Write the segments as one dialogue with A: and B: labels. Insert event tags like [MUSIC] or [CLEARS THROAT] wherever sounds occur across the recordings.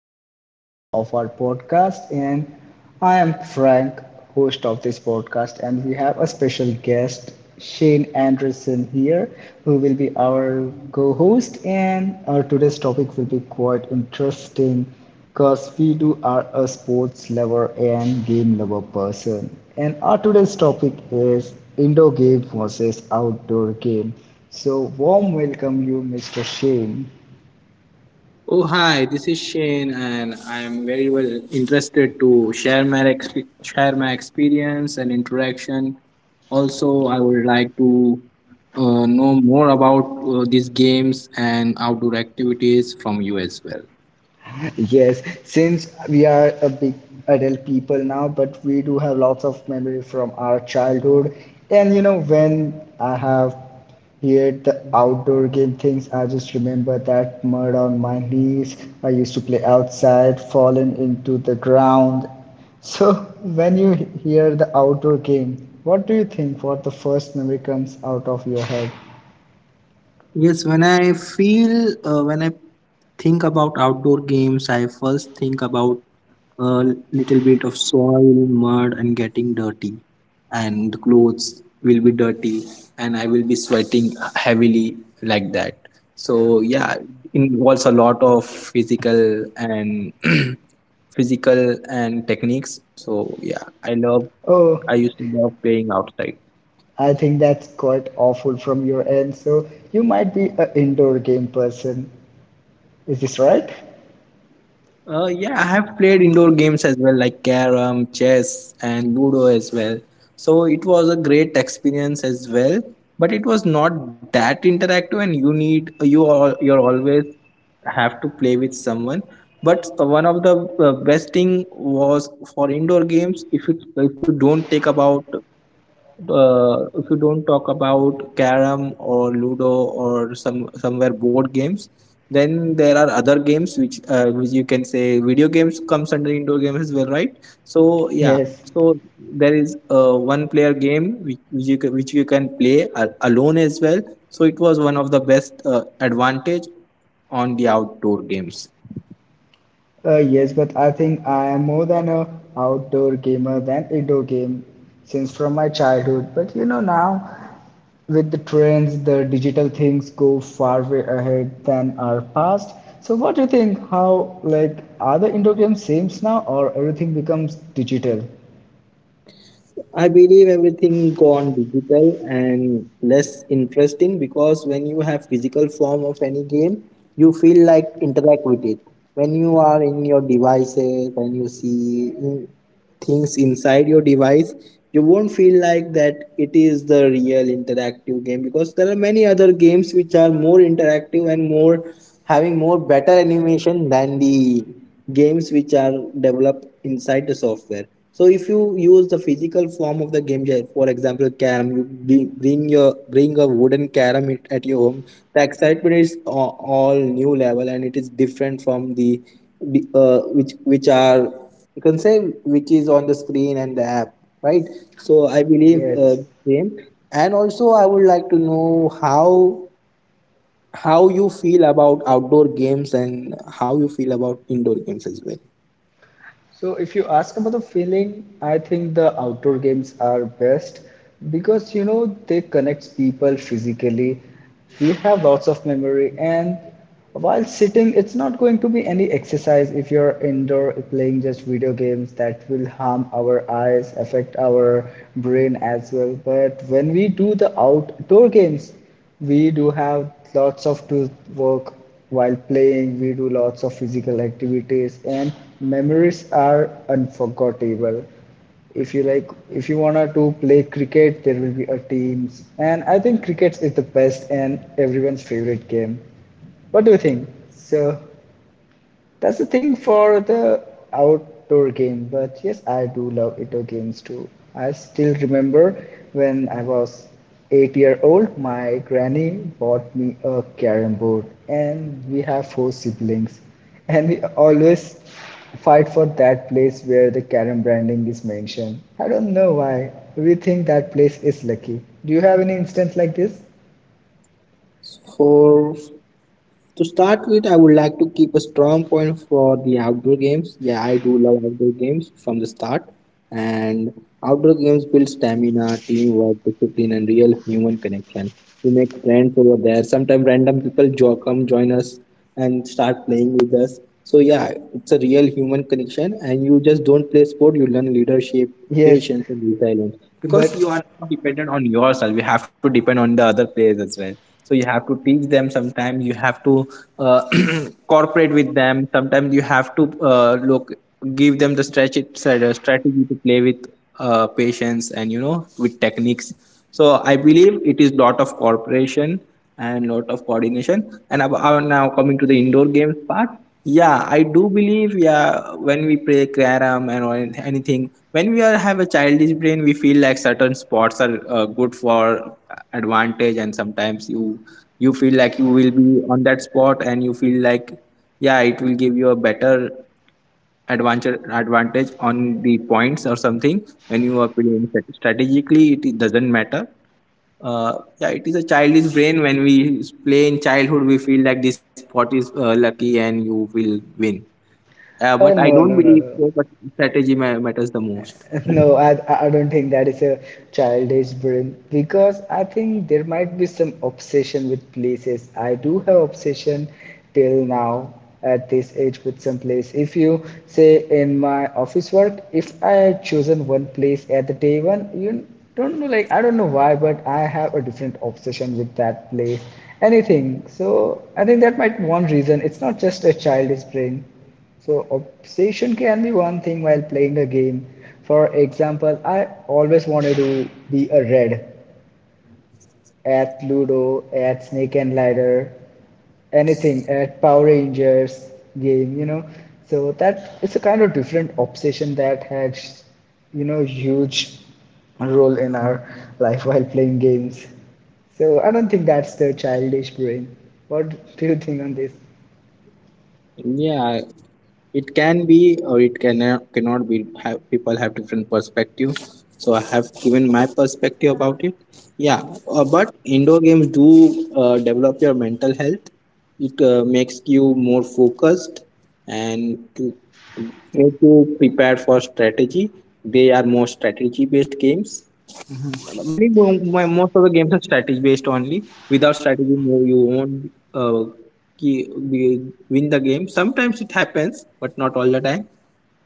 A: another episode of our podcast. And I am Frank, host of this podcast. And we have a special guest, Shane Anderson, here, who will be our co host. And our today's topic will be quite interesting because we do are a sports lover and game lover person. And our today's topic is indoor game versus outdoor game. So, warm welcome you, Mr. Shane.
B: Oh, hi, this is Shane, and I'm very well interested to share share my experience and interaction. Also, I would like to know more about these games and outdoor activities from you as well.
A: Yes, since we are a big adult people now, but we do have lots of memory from our childhood. And you know, when I have heard the outdoor game things, I just remember that mud on my knees. I used to play outside, falling into the ground. So when you hear the outdoor game, what do you think? What the first memory comes out of your head?
B: Yes, when I think about outdoor games, I first think about a little bit of soil, mud, and getting dirty. And the clothes will be dirty, and I will be sweating heavily like that. So, yeah, involves a lot of physical and [CLEARS THROAT] physical and techniques. So, yeah,
A: Oh,
B: I used to love playing outside.
A: I think that's quite awful from your end. So you might be an indoor game person. Is this right?
B: Yeah, I have played indoor games as well, like carom, chess, and ludo as well. So it was a great experience as well, but it was not that interactive, and you need you all you're always have to play with someone. But one of the best thing was for indoor games. If you don't take about if you don't talk about carom or ludo or somewhere board games, then there are other games which you can say video games comes under indoor games as well, right? So yeah.
A: Yes.
B: So there is a one player game which you can, alone as well. So it was one of the best advantage on the outdoor games.
A: Yes, but I think I am more than a outdoor gamer than indoor game since from my childhood. But you know now, with the trends, the digital things go far way ahead than our past. So what do you think? How like are the indoor games same now, or everything becomes digital?
B: I believe everything gone digital and less interesting because when you have physical form of any game, you feel like interact with it. When you are in your devices and you see things inside your device, you won't feel like that it is the real interactive game because there are many other games which are more interactive and more having more better animation than the games which are developed inside the software. So if you use the physical form of the game, yeah, for example, carom, you bring a wooden carom it- at your home. The excitement is a- all new level, and it is different from the which are, you can say, which is on the screen and the app, right? So I believe
A: Yes.
B: same. And also, I would like to know how you feel about outdoor games and how you feel about indoor games as well.
A: So if you ask about the feeling, I think the outdoor games are best because you know they connect people physically. We have lots of memory and while sitting it's not going to be any exercise if you're indoor playing just video games that will harm our eyes affect our brain as well but when we do the outdoor games we do have lots of to work while playing. We do lots of physical activities, and memories are unforgettable. If you like, if you wanna to play cricket, there will be a teams, and I think cricket is the best and everyone's favorite game. What do you think? So that's the thing for the outdoor game, but yes, I do love indoor games too. I still remember when I was 8 year old, my granny bought me a carom board, and we have 4 siblings, and we always fight for that place where the carom branding is mentioned. I don't know why. We think that place is lucky. Do you have any instance like this?
B: For To start with, I would like to keep a strong point for the outdoor games. Yeah, I do love outdoor games from the start, and outdoor games build stamina, teamwork, discipline, and real human connection. We make friends over there. Sometimes random come join us and start playing with us. So yeah, it's a real human connection, and you just don't play sport. You learn leadership,
A: Yes,
B: patience, and resilience because you
A: but
B: are not dependent on yourself. You have to depend on the other players as well. So you have to teach them. Sometimes you have to uh, [CLEARS THROAT] cooperate with them. Sometimes you have to look, give them the strategy to play with, patience, and you know, with techniques. So I believe it is lot of cooperation and lot of coordination. Now coming to the indoor games part, yeah, I do believe. Yeah, when we play carom and or anyth- anything, when we are have a childish brain, we feel like certain sports are good for advantage, and sometimes you feel like you will be on that spot, and you feel like yeah, it will give you a better advantage on the points or something when you are playing strategically. It doesn't matter. Uh, yeah, it is a childish brain. When we play in childhood, we feel like this spot is lucky, and you will win. But I
A: no,
B: don't
A: no,
B: believe
A: no, no.
B: so. But matters the most.
A: [LAUGHS] No, I don't think that is a childish brain because I think there might be some obsession with places. I do have obsession till now at this age with some place. If you say in my office work, if I had chosen one place at the day one, you don't know like I don't know why, but I have a different obsession with that place. Anything. So I think that might be one reason. It's not just a childish brain. So obsession can be one thing while playing a game. For example, I always wanted to be a red at Ludo, at Snake and Ladder, anything at Power Rangers game, you know. So that it's a kind of different obsession that has, you know, huge role in our life while playing games. So I don't think that's the childish brain. What do you think on this?
B: Yeah, it can be or it cannot be. Have, people have different perspective. So I have given my perspective about it. Yeah, but indoor games do develop your mental health. It makes you more focused and to prepare for strategy. They are more strategy based games. Many mo- Most of the games are strategy based only. Without strategy, no, you won't win the game. Sometimes it happens, but not all the time.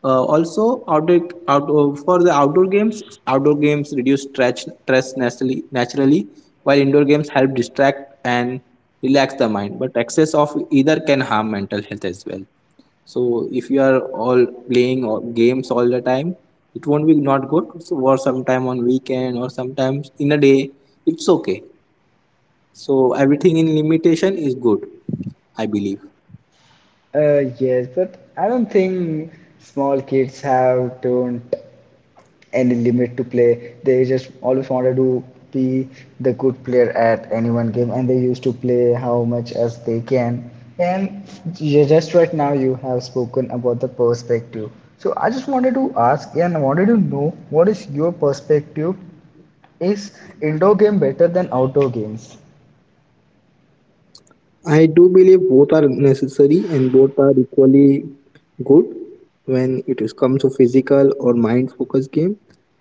B: Also, outdoor for the outdoor games reduce stress naturally, while indoor games help distract and relax the mind. But excess of either can harm mental health as well. So if you are all playing all- games all the time, it won't be not good. So, or sometime on weekend or sometimes in a day, it's okay. So everything in limitation is good, I believe.
A: Yes, but I don't think small kids have don't any limit to play. They just always wanted to be the good player at any one game, and they used to play how much as they can. And just right now, you have spoken about the perspective. So I just wanted to ask, and I wanted to know what is your perspective? Is indoor game better than outdoor games?
B: I do believe both are necessary and both are equally good when it is comes to physical or mind focused game.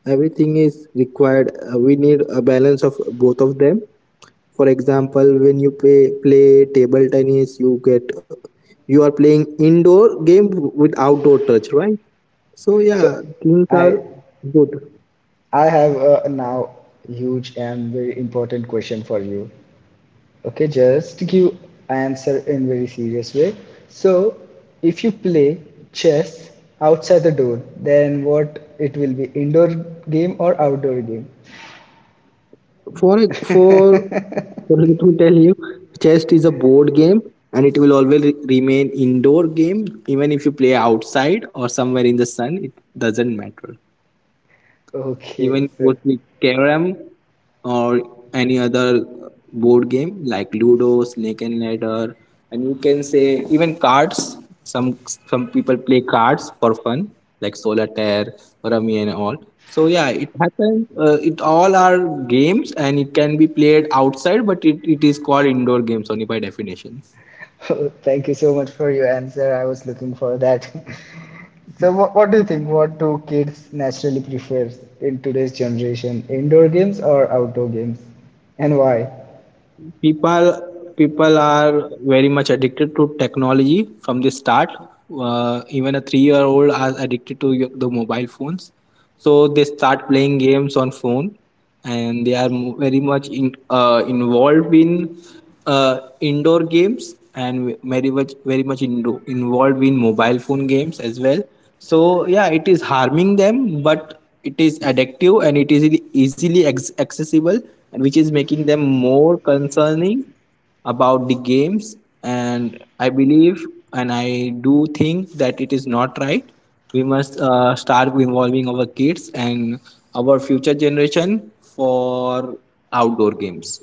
B: Everything is required. We need a balance of both of them. For example, when play table tennis, you are playing indoor game with outdoor touch, right? So
A: So
B: yeah, things
A: I
B: are good.
A: I have a now huge and very important question for you. Okay, just give answer in very serious way. So, if you play chess outside the door, then what it will be indoor game or outdoor game?
B: For a- for For, let me tell you, chess is a board game, and it will always remain indoor game even if you play outside or somewhere in the sun. It doesn't matter.
A: Okay,
B: Even goes
A: sir.
B: with carom or any other board game like Ludo, Snake and Ladder, and you can say even cards. Some people play cards for fun, like solitaire, rummy, and all. So yeah, it happens. It all are games, and it can be played outside, but it is called indoor games only by definition.
A: [LAUGHS] Thank you so much for your answer. I was looking for that. [LAUGHS] So, what do you think? What do kids naturally prefer in today's generation? Indoor games or outdoor games? And why?
B: people people are very much addicted to technology from the start. Even a 3-year-old year old are addicted to the mobile phones. So they start playing games on phone, and they are very much in, involved in indoor games, and very much involved in mobile phone games as well. So yeah, it is harming them, but it is addictive, and it is easily accessible, and which is making them more concerning about the games. And I believe and I do think that it is not right. We must start involving our kids and our future generation for outdoor games.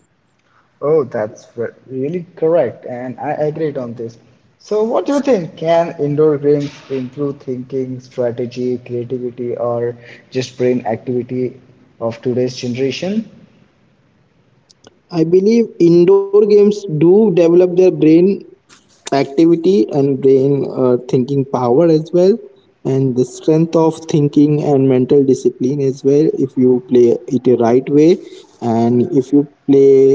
A: Oh, that's really correct, and I agreed on this. So, what do you think? Can indoor games improve thinking, strategy, creativity, or just brain activity of today's generation?
B: I believe indoor games do develop their brain activity and brain thinking power as well, and the strength of thinking and mental discipline as well. If you play it the right way, and if you play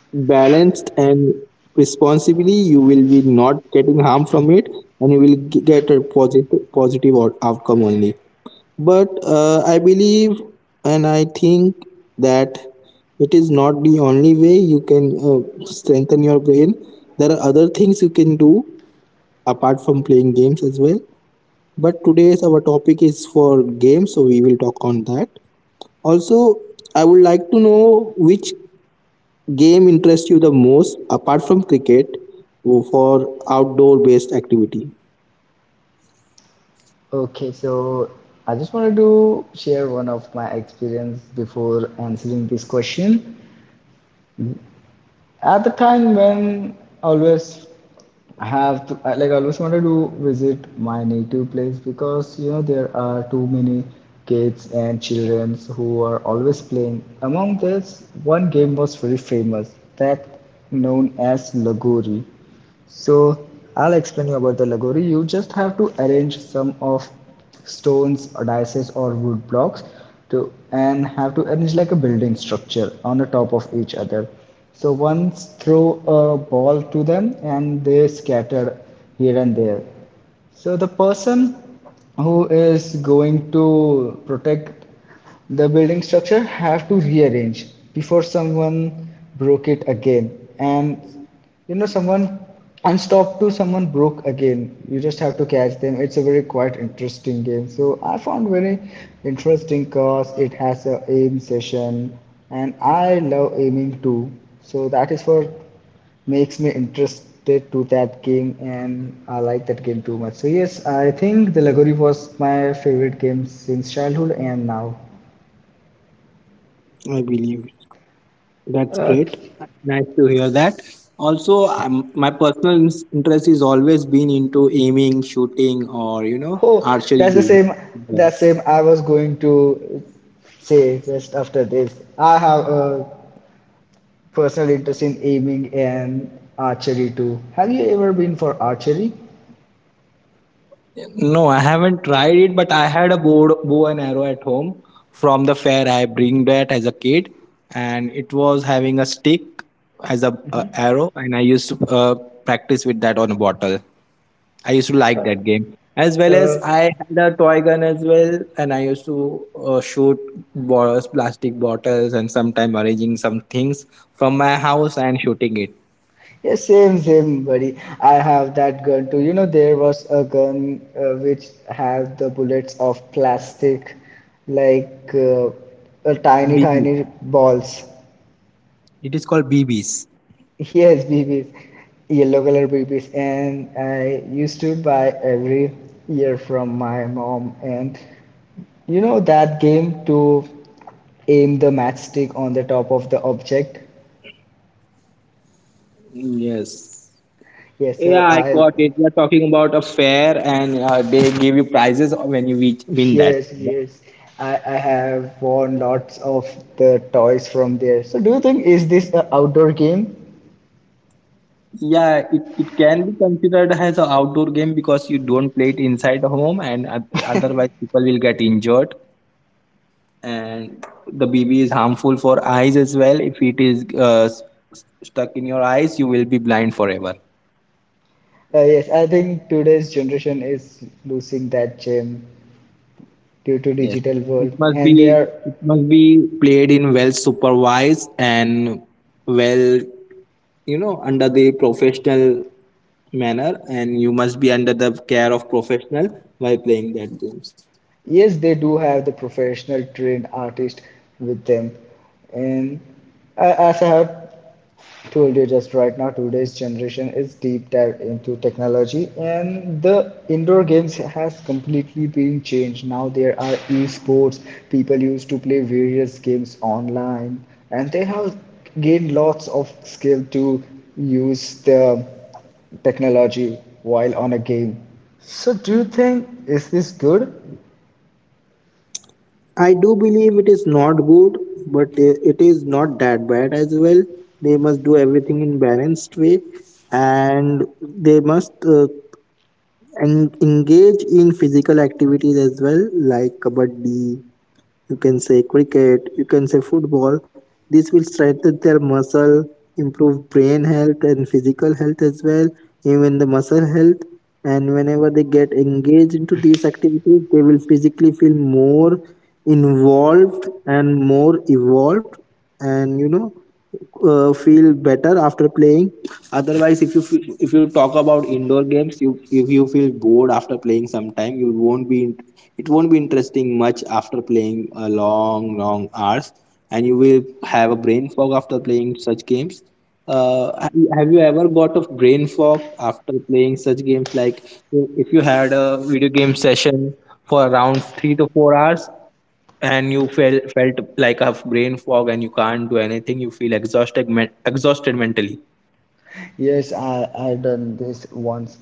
B: balanced and responsibly, you will be not getting harm from it, and you will get a positive outcome only. But I believe and I think that it is not the only way you can strengthen your brain. There are other things you can do apart from playing games as well. But today's our topic is for games, so we will talk on that. Also, I would like to know which game interests you the most apart from cricket for outdoor based activity.
A: Okay, so I just wanted to share one of my experience before answering this question. At the time when I always have to, like I like, always wanted to visit my native place because you know there are too many kids and children who are always playing. Among this, one game was very famous that known as Lagori. So I'll explain you about the Lagori. You just have to arrange some of stones or dices or wood blocks to and have to arrange like a building structure on the top of each other. So once throw a ball to them and they scatter here and there. So the person who is going to protect the building structure have to rearrange before someone broke it again. And you know, someone unstopped to someone broke again. You just have to catch them. It's a very quite interesting game. So I found very interesting cause it has a aim session and I love aiming too. So that is for makes me interested to that game and I like that game too much. So yes, I think the Lagori was my favorite game since childhood and now.
B: I believe. That's great.
A: Okay.
B: Nice to hear that. Also, my personal interest is always been into aiming, shooting, or you know,
A: Oh,
B: archery
A: that's the
B: game.
A: same.
B: Yeah.
A: That same. I was going to say just after this. I have a personal interest in aiming and archery too. Have you ever been for archery?
B: No, I haven't tried it, but I had a bow and arrow at home from the fair. I bring that as a kid, and it was having a stick as a arrow, and I used to practice with that on a bottle. I used to like that game as well as
A: Uh,
B: I had a toy gun as well, and I used to shoot bottles, plastic bottles, and sometime arranging some things from my house and shooting it.
A: yeah, same, same, buddy. I have that gun too. You know, there was a gun which had the bullets of plastic, like tiny,
B: BB.
A: tiny balls.
B: It is called BBs.
A: [LAUGHS] Yes, BBs, yellow color BBs, and I used to buy every year from my mom. And you know that game to aim the matchstick on the top of the object.
B: Yes.
A: Yes, so
B: Yeah, I
A: I
B: got it. We are talking about a fair, and they give you prizes when win that,
A: yes
B: right?
A: yes I have won lots of the toys from there. So do you think is this an outdoor game?
B: Yeah, it can be considered as an outdoor game because you don't play it inside the home, and otherwise people will get injured. And the BB is harmful for eyes as well. If it is stuck in your eyes, you will be blind forever.
A: Yes, I think today's generation is losing that gem due to
B: Yes,
A: digital
B: it
A: world,
B: must be
A: and they are
B: it must be played in well supervised and well, you know, under the professional manner, and you must be under the care of professional while playing that games.
A: Yes, they do have the professional trained artist with them. And as I have told you just right now, today's generation is deep dive into technology and the indoor games has completely been changed. Now there are esports, people used to play various games online and they have gained lots of skill to use the technology while on a game. So do you think is this good?
B: I do believe it is not good, but it is not that bad as well. They must do everything in balanced way, and they must uh, engage in physical activities as well, like kabaddi, you can say cricket, you can say football. This will strengthen their muscle, improve brain health and physical health as well, even the muscle health. And whenever they get engaged into these activities, they will physically feel more involved and more evolved. And you know, feel better after playing. Otherwise, if you if you talk about indoor games, you if you feel bored after playing sometime, you won't be it won't be interesting much after playing a long long hours, and you will have a brain fog after playing such games. Have you have you ever got a brain fog after playing such games, like if you had a video game session for around 3 to 4 hours, and you felt like a brain fog and you can't do anything, you feel exhausted, exhausted mentally.
A: Yes, I done this once,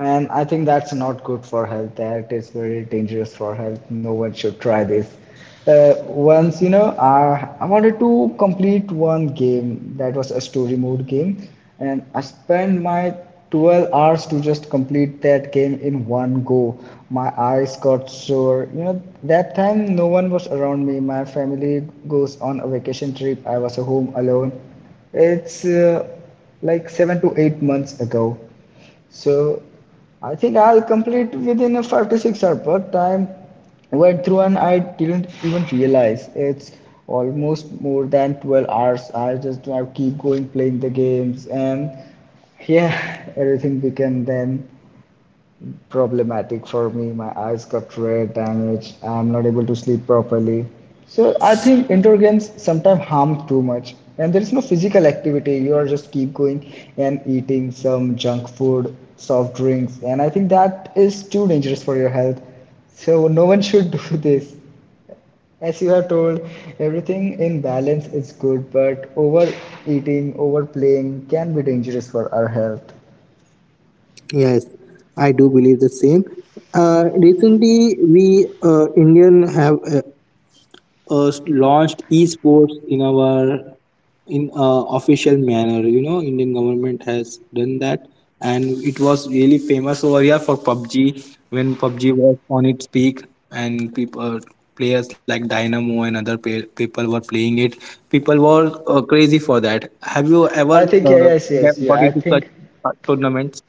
A: and I think that's not good for health. That is very dangerous for health. No one should try this. Once, you know, I wanted to complete one game that was a story mode game, and I spent my 12 hours to just complete that game in one go. My eyes got sore. You know, that time no one was around me. My family goes on a vacation trip. I was home alone. It's like 7 to 8 months ago. So I think I'll complete within a 5 to 6 hour, but time went through and I didn't even realize it's almost more than 12 hours. I just I keep going playing the games and yeah, everything became then problematic for me. My eyes got red, damaged. I'm not able to sleep properly. So I think indoor games sometimes harm too much. And there is no physical activity. You are just keep going and eating some junk food, soft drinks, and I think that is too dangerous for your health. So no one should [LAUGHS] do this. As you are told, everything in balance is good, but overeating, overplaying can be dangerous for our health.
B: Yes, I do believe the same. Recently, we Indian have launched esports in our in official manner. You know, Indian government has done that, and it was really famous over here for PUBG when PUBG was on its peak, and people, players like Dynamo and other people were playing it. People were crazy for that. Have you ever
A: I think
B: uh,
A: yes, yes, yes,
B: get-
A: yeah,
B: got into such tournaments?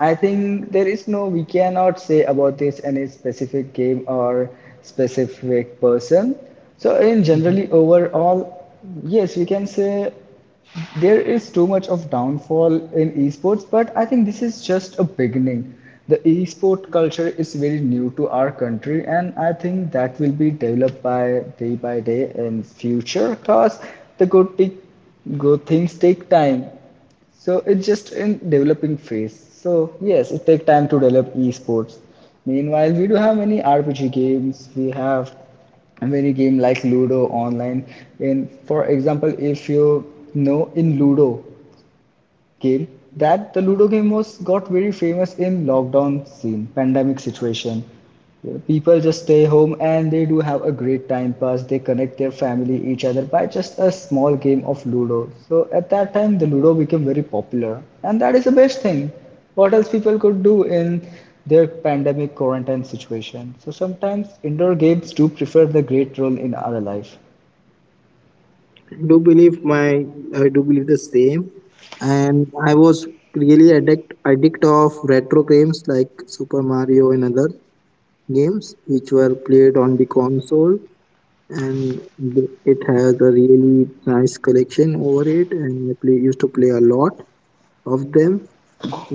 A: I think there is no, we cannot say about this any specific game or specific person. So in
B: Mm-hmm.
A: generally overall, yes, we can say there is too much of downfall in esports, but I think this is just a beginning. The esport culture is very new to our country, and I think that will be developed by day in future because the good things take time so it's just in developing phase. So yes, it take time to develop esports. Meanwhile, we do have many RPG games. We have many game like Ludo online. And for example, if you know in Ludo, game that the ludo game was got very famous in lockdown scene pandemic situation, people just stay home and they do have a great time pass, they connect their family each other by just a small game of ludo. So at that time the ludo became very popular, and that is the best thing. What else people could do in their pandemic quarantine situation? So sometimes indoor games do prefer the great role in our life.
B: do believe my I do believe the same, and I was really addict of retro games like Super Mario and other games which were played on the console, and it has a really nice collection over it, and used to play a lot of them.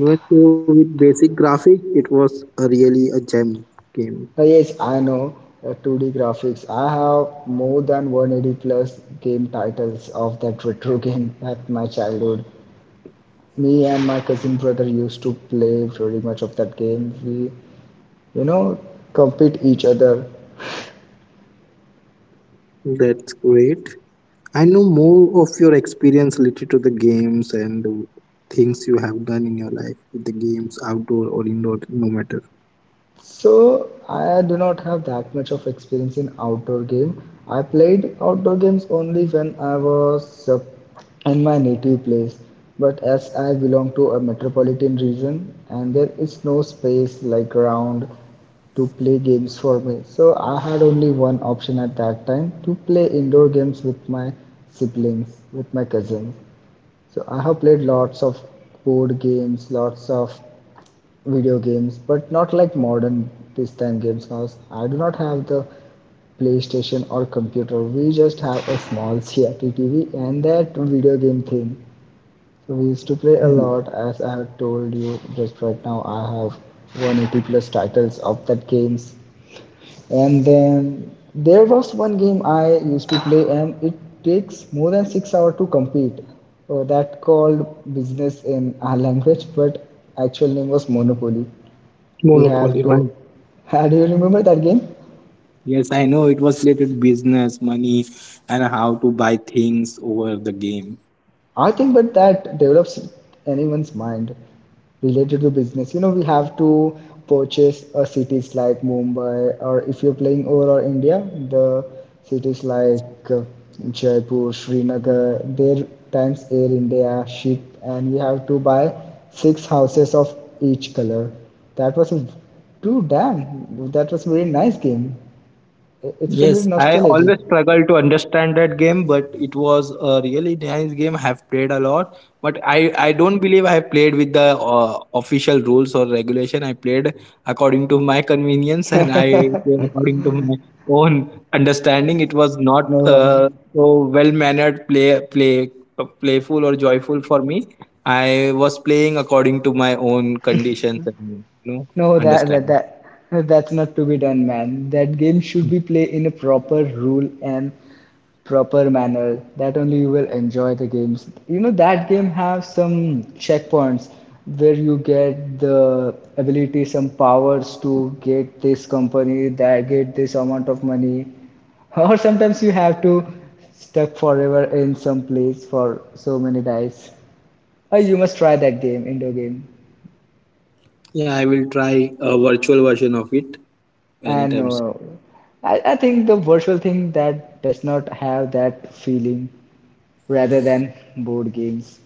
B: Even though with basic graphics, it was a really a gem game.
A: Yes, I know 2D graphics. I have more than 180 plus game titles of that retro [LAUGHS] game at my childhood. Me and my cousin brother used to play pretty much of that game. We, you know, compete each other.
B: That's great. I know more of your experience related to the games and the things you have done in your life with the games, outdoor or indoor, no matter.
A: So I do not have that much of experience in outdoor game. I played outdoor games only when I was in my native place. But as I belong to a metropolitan region and there is no space like around to play games for me. So I had only one option at that time to play indoor games with my siblings, with my cousins. So I have played lots of board games, lots of video games, but not like modern this time games because I do not have the PlayStation or computer. We just have a small CRT TV and that video game thing. So we used to play a
B: Mhm.
A: lot, as I have told you just right now. I have 180 plus titles of that games, and then there was one game I used to play, and it takes more than 6 hours to complete. Oh, that called business in our language, but actual name was Monopoly. We have
B: Monopoly,
A: to
B: right?
A: [LAUGHS] how do you remember that game?
B: Yes, I know it was related to business, money, and how to buy things over the game.
A: I think but that develops anyone's mind related to business. You know, we have to purchase cities like Mumbai, or if you're playing overall India, the cities like Jaipur, Srinagar, their times Air India ship, and we have to buy six houses of each color. That was a too damn, that was a very nice game. It's very
B: Yes, I
A: nostalgic.
B: always struggle to understand that game, but it was a really nice game. I have played a lot, but I don't believe I have played with the official rules or regulation. I played according to my convenience, and I played according to my own understanding. It was not
A: No,
B: so well mannered, play playful or joyful for me. I was playing according to my own conditions, and you know
A: no, that that
B: understanding.
A: that that's not to be done, man. That game should be played in a proper rule and proper manner. That only you will enjoy the games. You know that game have some checkpoints where you get the ability, some powers to get this company, that get this amount of money, [LAUGHS] or sometimes you have to stuck forever in some place for so many days. Oh, you must try that game, indoor game.
B: Yeah, I will try a virtual version of it
A: And
B: anytime soon.
A: I think the virtual thing that does not have that feeling rather than board games.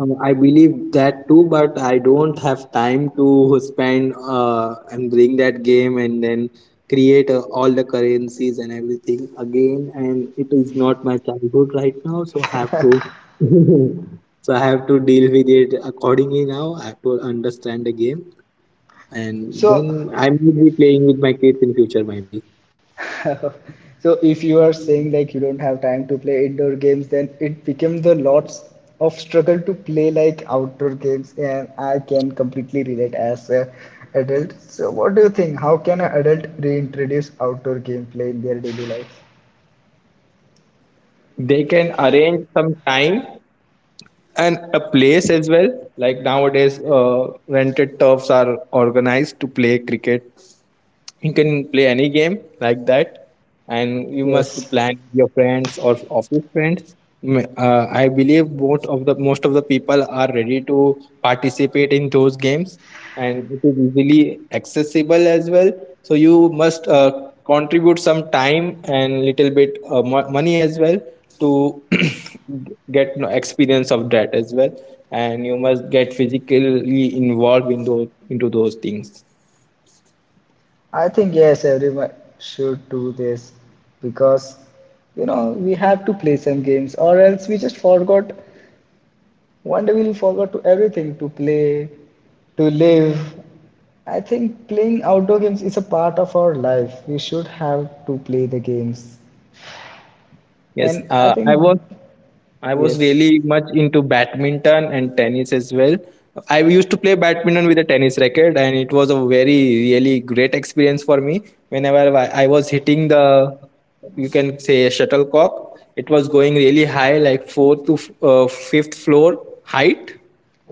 B: I believe that too, but I don't have time to spend and bring that game and then create all the currencies and everything again. And it is not my childhood right now, so I have to. [LAUGHS] So I have to deal with it accordingly now. I have to understand the game, and
A: So,
B: then I may be playing with my kids in future. Maybe
A: [LAUGHS] so if you are saying like you don't have time to play indoor games, then it becomes a lots of struggle to play like outdoor games. And I can completely relate as a adult. So, what do you think? How can an adult reintroduce outdoor gameplay in their daily life?
B: they can arrange some time and a place as well, like nowadays rented turfs are organized to play cricket. You can play any game like that, and you must
A: Yes.
B: plan with your friends or office friends. I believe most of the people are ready to participate in those games, and it is easily accessible as well. So you must contribute some time and little bit money as well to [CLEARS THROAT] get no experience of that as well, and you must get physically involved in those into those things.
A: I think yes, everyone should do this because you know we have to play some games, or else we just forgot. One day we'll forgot to everything to play, to live. I think playing outdoor games is a part of our life. We should have to play the games,
B: Yes,
A: and I think
B: I was
A: yes.
B: really much into badminton and tennis as well. I used to play badminton with a tennis racket, and it was a very really great experience for me. Whenever I was hitting the, you can say, a shuttlecock, it was going really high, like fourth to fifth floor height,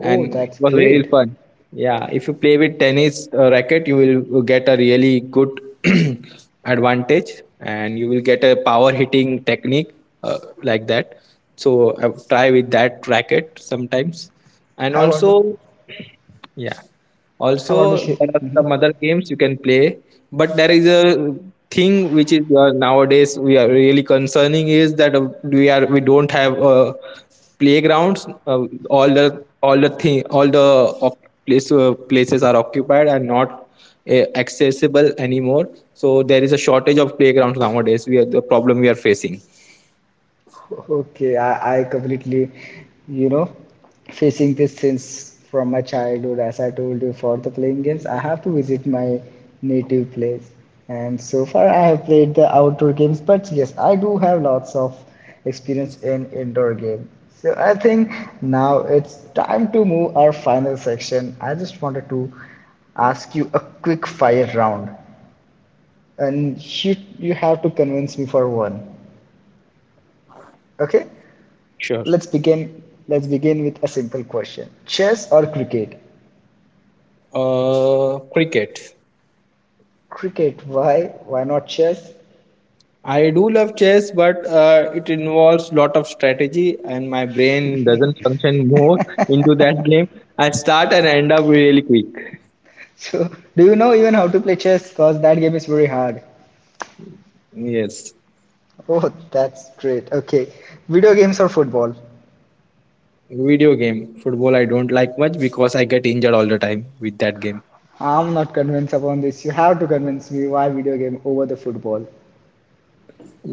A: Oh,
B: it
A: that's
B: was very
A: great.
B: fun. Yeah, if you play with tennis racket, you will get a really good [CLEARS THROAT] advantage, and you will get a power hitting technique like that. So try with that racket sometimes, and
A: I want to.
B: also yeah.
A: I want to
B: Also,
A: share.
B: there are some other games you can play, but there is a thing which is nowadays we are really concerning is that we are we don't have playgrounds. All the all the thing all the oc- place, places are occupied and not accessible anymore. So there is a shortage of playgrounds nowadays. We are the problem we are facing.
A: Okay, I completely, you know, facing this since from my childhood. As I told you, for the playing games, I have to visit my native place. And so far, I have played the outdoor games, but yes, I do have lots of experience in indoor game. So I think now it's time to move our final section. I just wanted to ask you a quick fire round, and you have to convince me for one. Okay?
B: Sure.
A: Let's begin. Let's begin with a simple question: chess or cricket?
B: Cricket.
A: Cricket. Why? Why not chess? [LAUGHS]
B: I do love chess, but it involves lot of strategy, and my brain doesn't function more [LAUGHS] into that game. I start and end up really quick.
A: So, do you know even how to play chess? Cause that game is very hard.
B: Yes,
A: Oh, that's great. Okay, video games or football?
B: video game. Football I don't like much because I get injured all the time with that game.
A: I'm not convinced upon this. You have to convince me why video game over the football.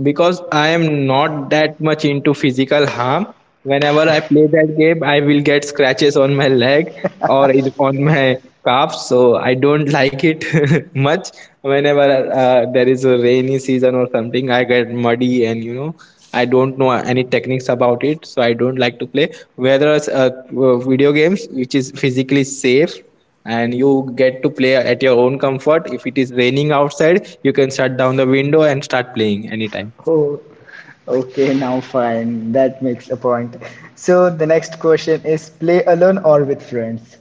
B: Because I am not that much into physical harm. Whenever I play that game, I will get scratches on my leg or on my calf, so I don't like it [LAUGHS] much. Whenever there is a rainy season or something, I get muddy, and you know, I don't know any techniques about it, so I don't like to play. Whereas video games, which is physically safe, and you get to play at your own comfort. If it is raining outside, you can shut down the window and start playing anytime.
A: Oh, okay. Now fine. That makes a point. So the next question is: play alone or with friends?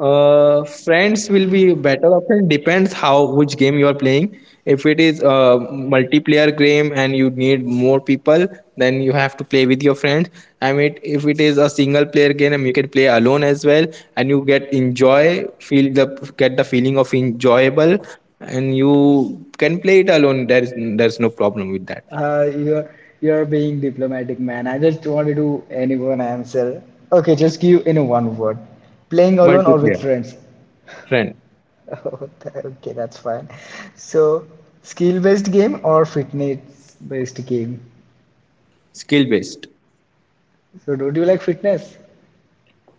B: Friends will be better option. Depends how which game you are playing. If it is a multiplayer game and you need more people, then you have to play with your friends. I mean, if it is a single player game, you can play alone as well, and you get the feeling of enjoyable, and you can play it alone. There's no problem with that.
A: Uh, you're you're being diplomatic, man. I just wanted to anyone answer. Okay, just give in one word. Playing alone or with
B: Multiplayer,
A: friends? [LAUGHS]
B: friend,
A: Oh, tha- okay, that's fine. So, skill-based game or fitness-based game?
B: skill based.
A: So, don't you like fitness?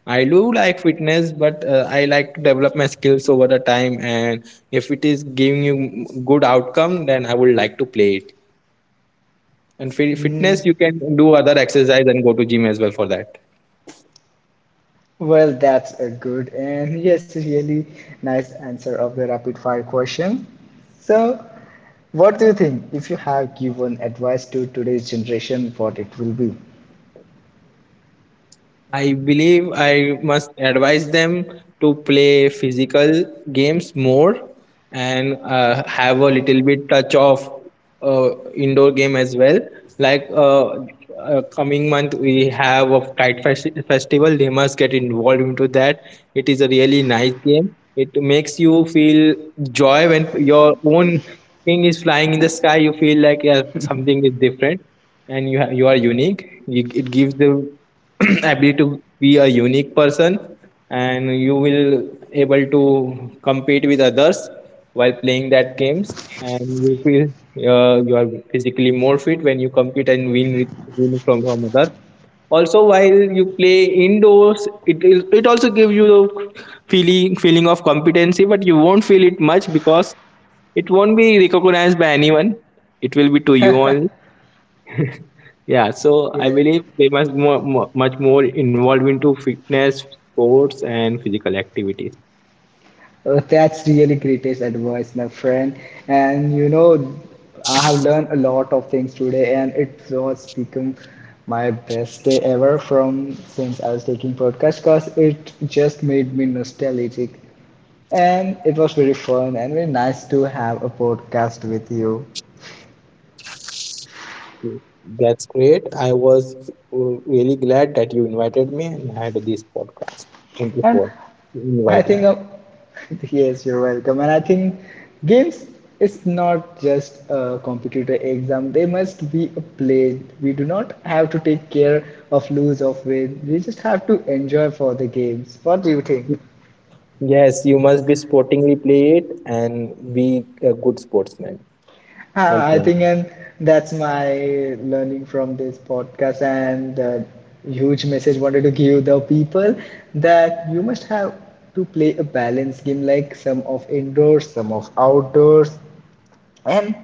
B: I do like fitness, but I like to develop my skills over the time. And if it is giving you good outcome, then I would like to play it. And for
A: Mm,
B: fitness, you can do other exercise and go to gym as well for that.
A: well, that's a good and yes, really nice answer of the rapid-fire question. So, what do you think if you have given advice to today's generation, what it will be?
B: I believe I must advise them to play physical games more, and have a little bit touch of indoor game as well. Like coming month, we have a kite festival. They must get involved into that. It is a really nice game. It makes you feel joy when your own thing is flying in the sky. You feel like yeah, something is different and you you are unique. You, it gives the [CLEARS THROAT] ability to be a unique person, and you will able to compete with others while playing that games, and you feel you are physically more fit when you compete and win with win from others. Also, while you play indoors, it is it also gives you the feeling of competency, but you won't feel it much because it won't be recognized by anyone. It will be to you only. Yeah, so I
A: Yeah.
B: believe they must more, much more involved into fitness, sports, and physical activities.
A: That's really greatest advice, my friend. And you know, I have learned a lot of things today, and it was become my best day ever from since I was taking podcast because it just made me nostalgic, and it was very fun and very nice to have a podcast with you.
B: That's great. I was really glad that you invited me and had this podcast. Thank you
A: And
B: for
A: I
B: inviting.
A: think, [LAUGHS] yes, you're welcome. And I think games is not just a computer exam. They must be a play. We do not have to take care of lose of win. We just have to enjoy for the games. What do you think? [LAUGHS]
B: Yes, you must be sportingly play it and be a good sportsman. Well,
A: Ah, I
B: yeah.
A: think, and that's my learning from this podcast and the huge message wanted to give the people that you must have to play a balanced game like some of indoors, some of outdoors, and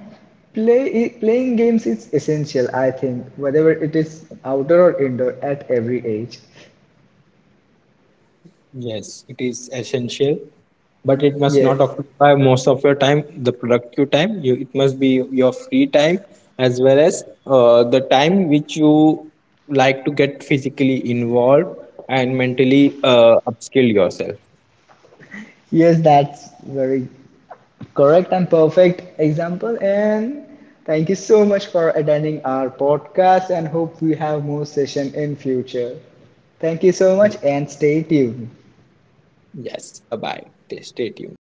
A: playing games is essential, I think, whether it is outdoor or indoor at every age.
B: Yes, it is essential, but it must not
A: Yes,
B: occupy most of your time, the productive time. You, it must be your free time as well as the time which you like to get physically involved and mentally upskill yourself.
A: yes, that's very correct and perfect example, and thank you so much for attending our podcast and hope we have more session in future. Thank you so much and stay tuned.
B: Yes, bye bye. Stay tuned.